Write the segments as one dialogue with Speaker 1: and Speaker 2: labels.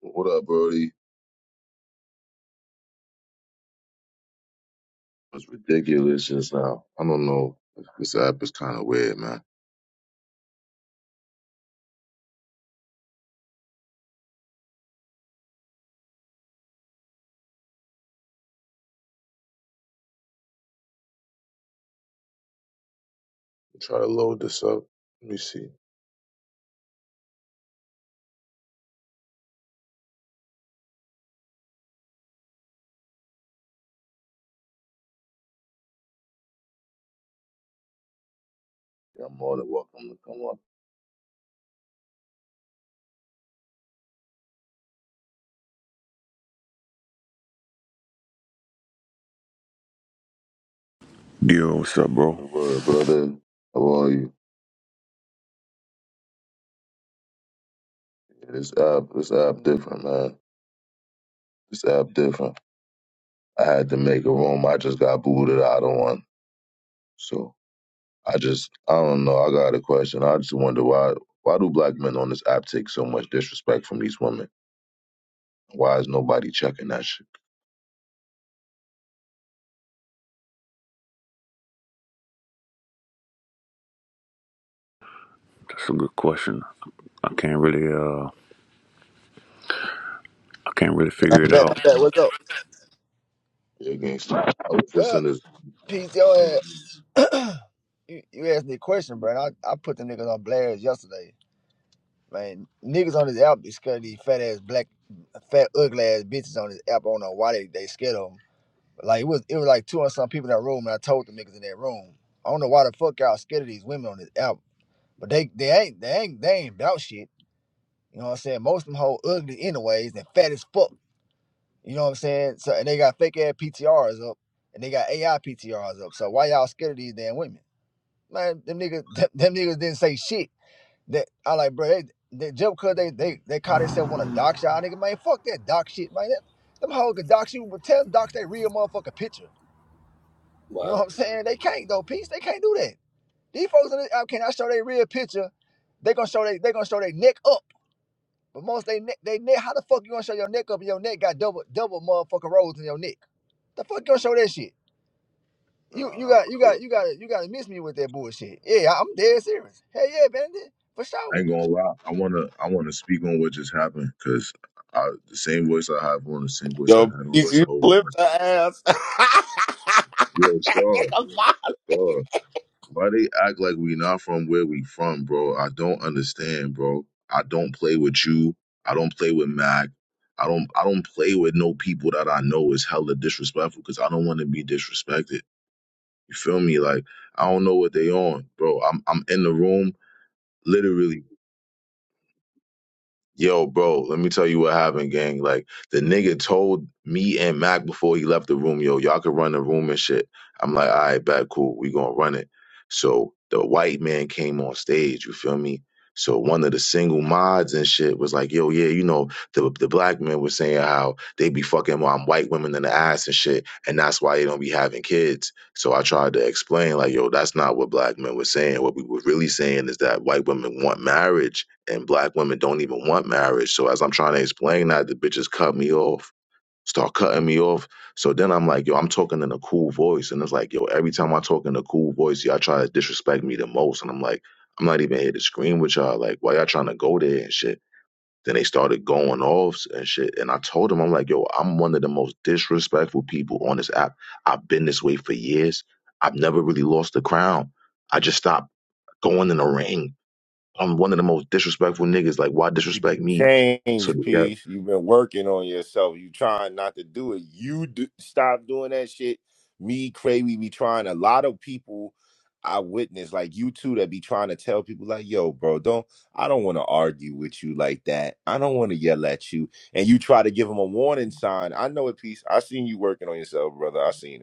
Speaker 1: What up, Brody? It's ridiculous just now. I don't know. This app is kind of weird, man. Try to load this up. Let me see. You're more than welcome to come up.
Speaker 2: Yo, what's up, bro?
Speaker 1: The word, brother. How are you? Yeah, This app, this app different, man. This app different. I had to make a room. I just got booted out of one. So I just, I don't know. I got a question. I just wonder why, why do black men on this app take so much disrespect from these women? Why is nobody checking that shit?
Speaker 2: That's a good question. I can't really, uh, I can't really figure
Speaker 3: I'm
Speaker 2: it
Speaker 3: back.
Speaker 2: out.
Speaker 3: I'm back. What's up?
Speaker 1: Yeah, gangsta. I was just
Speaker 3: Well,
Speaker 1: in this.
Speaker 3: peace, yo ass. you, you asked me a question, bro. and I, I put the niggas on blast yesterday. Man, niggas on this app be scared of these fat ass black, fat ugly ass bitches on this app. I don't know why they, they scared of them. Like it was it was like two and some people in that room, and I told the niggas in that room, I don't know why the fuck y'all scared of these women on this app. But they they ain't they ain't they ain't about shit. You know what I'm saying? Most of them whole ugly anyways and fat as fuck. You know what I'm saying? So and they got fake ass PTRs up, and they got AI PTRs up. So why y'all scared of these damn women? Man, them niggas, them, them niggas didn't say shit. That I like, bro. They, they just because they they they caught themselves on a dox y'all nigga, man. Fuck that dox shit, man. That, them hoes could dox you, but tell them dox they real motherfucking picture. You know
Speaker 4: Wow.
Speaker 3: what I'm saying? They can't though, peace. They can't do that. These folks in the app cannot show their real picture. They gonna show they they gonna show their neck up. But most they neck they neck. How the fuck you gonna show your neck up? And your neck got double double motherfucking rolls in your neck. The fuck your show that shit. You
Speaker 1: Nah,
Speaker 3: you got you
Speaker 1: I,
Speaker 3: got you got you got to miss me with that bullshit. Yeah, I'm dead serious. Hell yeah, bandit, for
Speaker 1: I ain't
Speaker 3: sure.
Speaker 1: gonna lie. I wanna I wanna speak on what just happened because I the same voice I have on the same voice I
Speaker 5: Yo,
Speaker 1: had on
Speaker 5: peace, you
Speaker 1: over.
Speaker 5: flipped her ass.
Speaker 1: Yo,
Speaker 5: That
Speaker 1: sure,
Speaker 5: nigga violent.
Speaker 1: sure. Why they act like we not from where we from, bro? I don't understand, bro. I don't play with you. I don't play with Mac. I don't I don't play with no people that I know is hella disrespectful because I don't want to be disrespected. You feel me? Like I don't know what they on, bro. I'm I'm in the room literally Yo, bro, let me tell you what happened, gang. Like the nigga told me and Mac before he left the room, yo, y'all could run the room and shit. I'm like, all right, bet, cool, we gonna run it. So the white man came on stage, you feel me? So one of the single mods and shit was like, yo, yeah, you know, the the black men was saying how they be fucking um, white women in the ass and shit, and that's why they don't be having kids. So I tried to explain, like, yo, that's not what black men were saying. What we were really saying is that white women want marriage and black women don't even want marriage. So as I'm trying to explain that, the bitches cut me off, start cutting me off. So then I'm like, yo, I'm talking in a cool voice, and it's like, yo, every time I talk in a cool voice, y'all try to disrespect me the most, and I'm like, I'm not even here to scream with y'all. Like, why y'all trying to go there and shit? Then they started going off and shit. And I told them, I'm like, yo, I'm one of the most disrespectful people on this app. I've been this way for years. I've never really lost the crown. I just stopped going in the ring I'm one of the most disrespectful niggas. Like, why
Speaker 5: You
Speaker 1: disrespect me? So
Speaker 5: change,
Speaker 1: yeah,
Speaker 5: peace. You've been working on yourself. You trying not to do it. You do, stop doing that shit. Me, Crazy, be trying. A lot of people I witness, like you two, that be trying to tell people, like, yo, bro, don't. I don't want to argue with you like that. I don't want to yell at you. And you try to give them a warning sign. I know it, peace. I seen you working on yourself, brother. I seen it.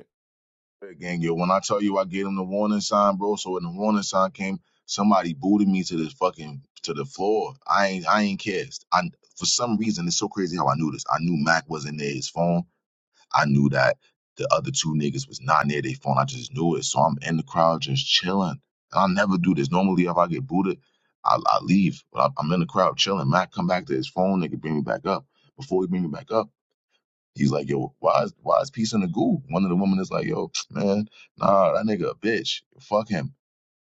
Speaker 1: Gang, yo, when I tell you I gave him the warning sign, bro. So when the warning sign came, somebody booted me to the fucking to the floor. I ain't I ain't kissed. I for some reason it's so crazy how I knew this. I knew Mac wasn't near his phone. I knew that the other two niggas was not near their phone. I just knew it. So I'm in the crowd just chilling. And I never do this. Normally, if I get booted, I, I leave. But I, I'm in the crowd chilling. Mac come back to his phone. Nigga bring me back up. Before he bring me back up. He's like, yo, why is why is peace in the goo? One of the women is like, yo, man, nah, that nigga a bitch. Fuck him.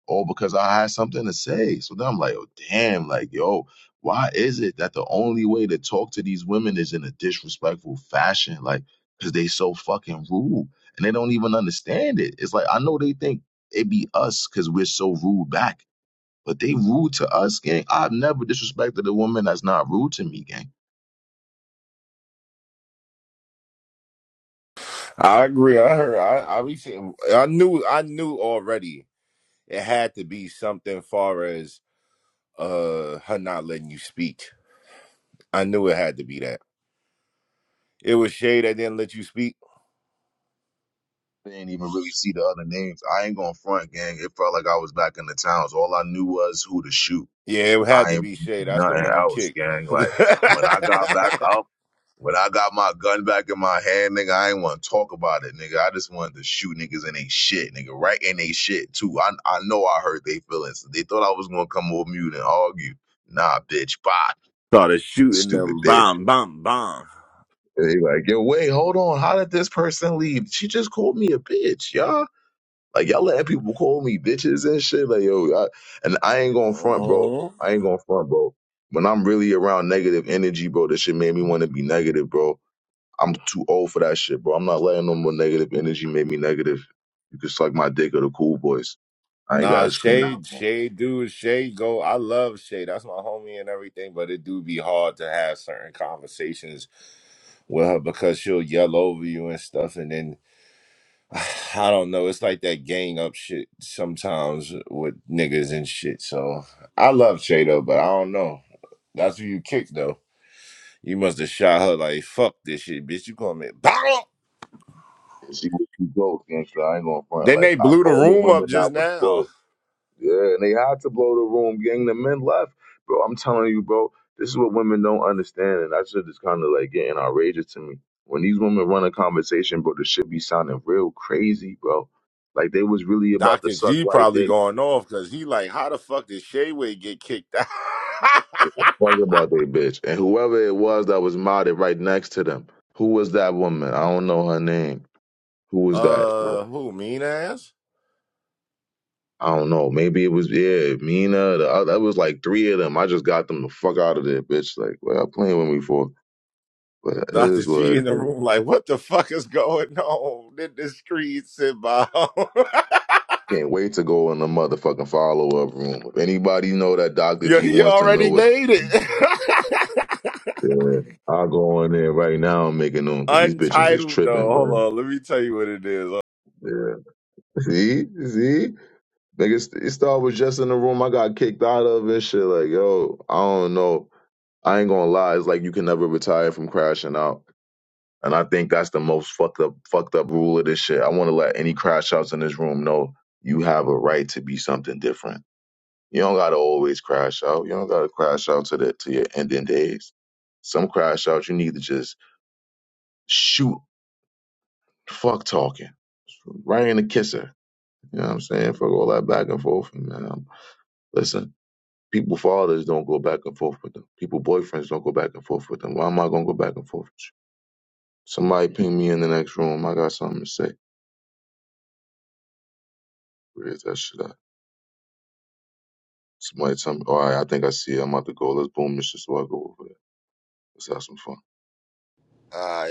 Speaker 1: All because I had something to say. So then I'm like, oh damn, like, yo, why is it that the only way to talk to these women is in a disrespectful fashion? Like, cause they so fucking rude. And they don't even understand it. It's like I know they think it be us because we're so rude back. But they rude to us, gang. I've never disrespected a woman that's not rude to me, gang.
Speaker 5: I agree. I heard. I I, be seeing, I knew. I knew already. It had to be something far as uh her not letting you speak. I knew it had to be that. It was Shay that didn't let you speak.
Speaker 1: didn't even really see the other names. I ain't going to front, gang. It felt like I was back in the towns. All I knew was who to shoot.
Speaker 5: Yeah, it had
Speaker 1: I
Speaker 5: to
Speaker 1: ain't
Speaker 5: be Shay. That's the
Speaker 1: nothing
Speaker 5: one you
Speaker 1: else,
Speaker 5: kicked.
Speaker 1: gang. Like when I got back up, when I got my gun back in my hand, nigga, I ain't want to talk about it, nigga. I just wanted to shoot niggas in they shit, nigga, right in they shit too. I I know I hurt they feelings. They thought I was gonna come over mute and argue. Nah, bitch, bye,
Speaker 5: Started shooting
Speaker 1: stupid
Speaker 5: them.
Speaker 1: bitch.
Speaker 5: Bomb, bomb,
Speaker 1: And They like, yo, wait, hold on. How did this person leave? She just called me a bitch, y'all. Like y'all letting people call me bitches and shit. Like yo, I, and I ain't going to front, bro.
Speaker 5: bomb.
Speaker 1: I ain't going to front, bro. When I'm really around negative energy, bro, that shit made me want to be negative, bro. I'm too old for that shit, bro. I'm not letting no more negative energy make me negative. You can suck my dick or the cool boys. I ain't got
Speaker 5: Nah,
Speaker 1: to scream no
Speaker 5: Shade,
Speaker 1: more.
Speaker 5: Shade, dude, Shade go. I love Shade. That's my homie and everything, but it do be hard to have certain conversations with her because she'll yell over you and stuff. And then I don't know. It's like that gang up shit sometimes with niggas and shit. So I love Shade though, but I don't know. That's who you kicked though. You must have shot her like fuck this shit, bitch. You call me. Bang!
Speaker 1: See what you go, gangster. I ain't going to front.
Speaker 5: Then
Speaker 1: Like
Speaker 5: they
Speaker 1: I,
Speaker 5: blew the
Speaker 1: all the
Speaker 5: room up
Speaker 1: women I
Speaker 5: just
Speaker 1: was
Speaker 5: now.
Speaker 1: close. Yeah, and they had to blow the room, gang. The men left, bro. I'm telling you, bro. This is what women don't understand, and that shit is kind of like getting outrageous to me. When these women run a conversation, bro, this shit be sounding real crazy, bro. Like they was really about to
Speaker 5: Dr.
Speaker 1: suck
Speaker 5: G
Speaker 1: white
Speaker 5: probably
Speaker 1: dick.
Speaker 5: going off because he like, how the fuck did Shayway get kicked out?
Speaker 1: Give a fuck about they bitch. And whoever it was that was modded right next to them, who was that woman? I don't know her name. Who was that?
Speaker 5: uh, who, mean ass?
Speaker 1: I don't know. Maybe it was yeah, Mina. The other, that was like three of them. I just got them the fuck out of there, bitch. Like, what y'all playing with me for? But it
Speaker 5: Dr.
Speaker 1: is what
Speaker 5: G
Speaker 1: it
Speaker 5: in the
Speaker 1: is.
Speaker 5: room like, what the fuck is going on in the streets and by
Speaker 1: Can't wait to go in the motherfucking follow up room. If anybody know that Dr.
Speaker 5: Yo,
Speaker 1: G
Speaker 5: he
Speaker 1: wants to know
Speaker 5: already
Speaker 1: what's
Speaker 5: made it.
Speaker 1: yeah, I'll go in there right now and make it known because these bitches is
Speaker 5: Untitled
Speaker 1: tripping,
Speaker 5: though. Hold
Speaker 1: bro.
Speaker 5: on, let me tell you what it is.
Speaker 1: Yeah. See? See? Niggas, it started was just in the room I got kicked out of and shit. Like, yo, I don't know. I ain't gonna lie. It's like you can never retire from crashing out. And I think that's the most fucked up, fucked up rule of this shit. I want to let any crash outs in this room know you have a right to be something different You don't gotta always crash out. You don't gotta crash out to the to your ending days. Some crash out, you need to just shoot fuck talking right in the kisser. You know what I'm saying? Fuck all that back and forth. Man, um, listen, people fathers don't go back and forth with them. People boyfriends don't go back and forth with them. Why am I gonna go back and forth? With you? Somebody ping me in the next room. I got something to say. Where's that shit at? Somebody tell me. All right, I think I see. It. I'm about to go. Let's boom this shit so I go over there. Let's have some fun.
Speaker 3: Ah, uh,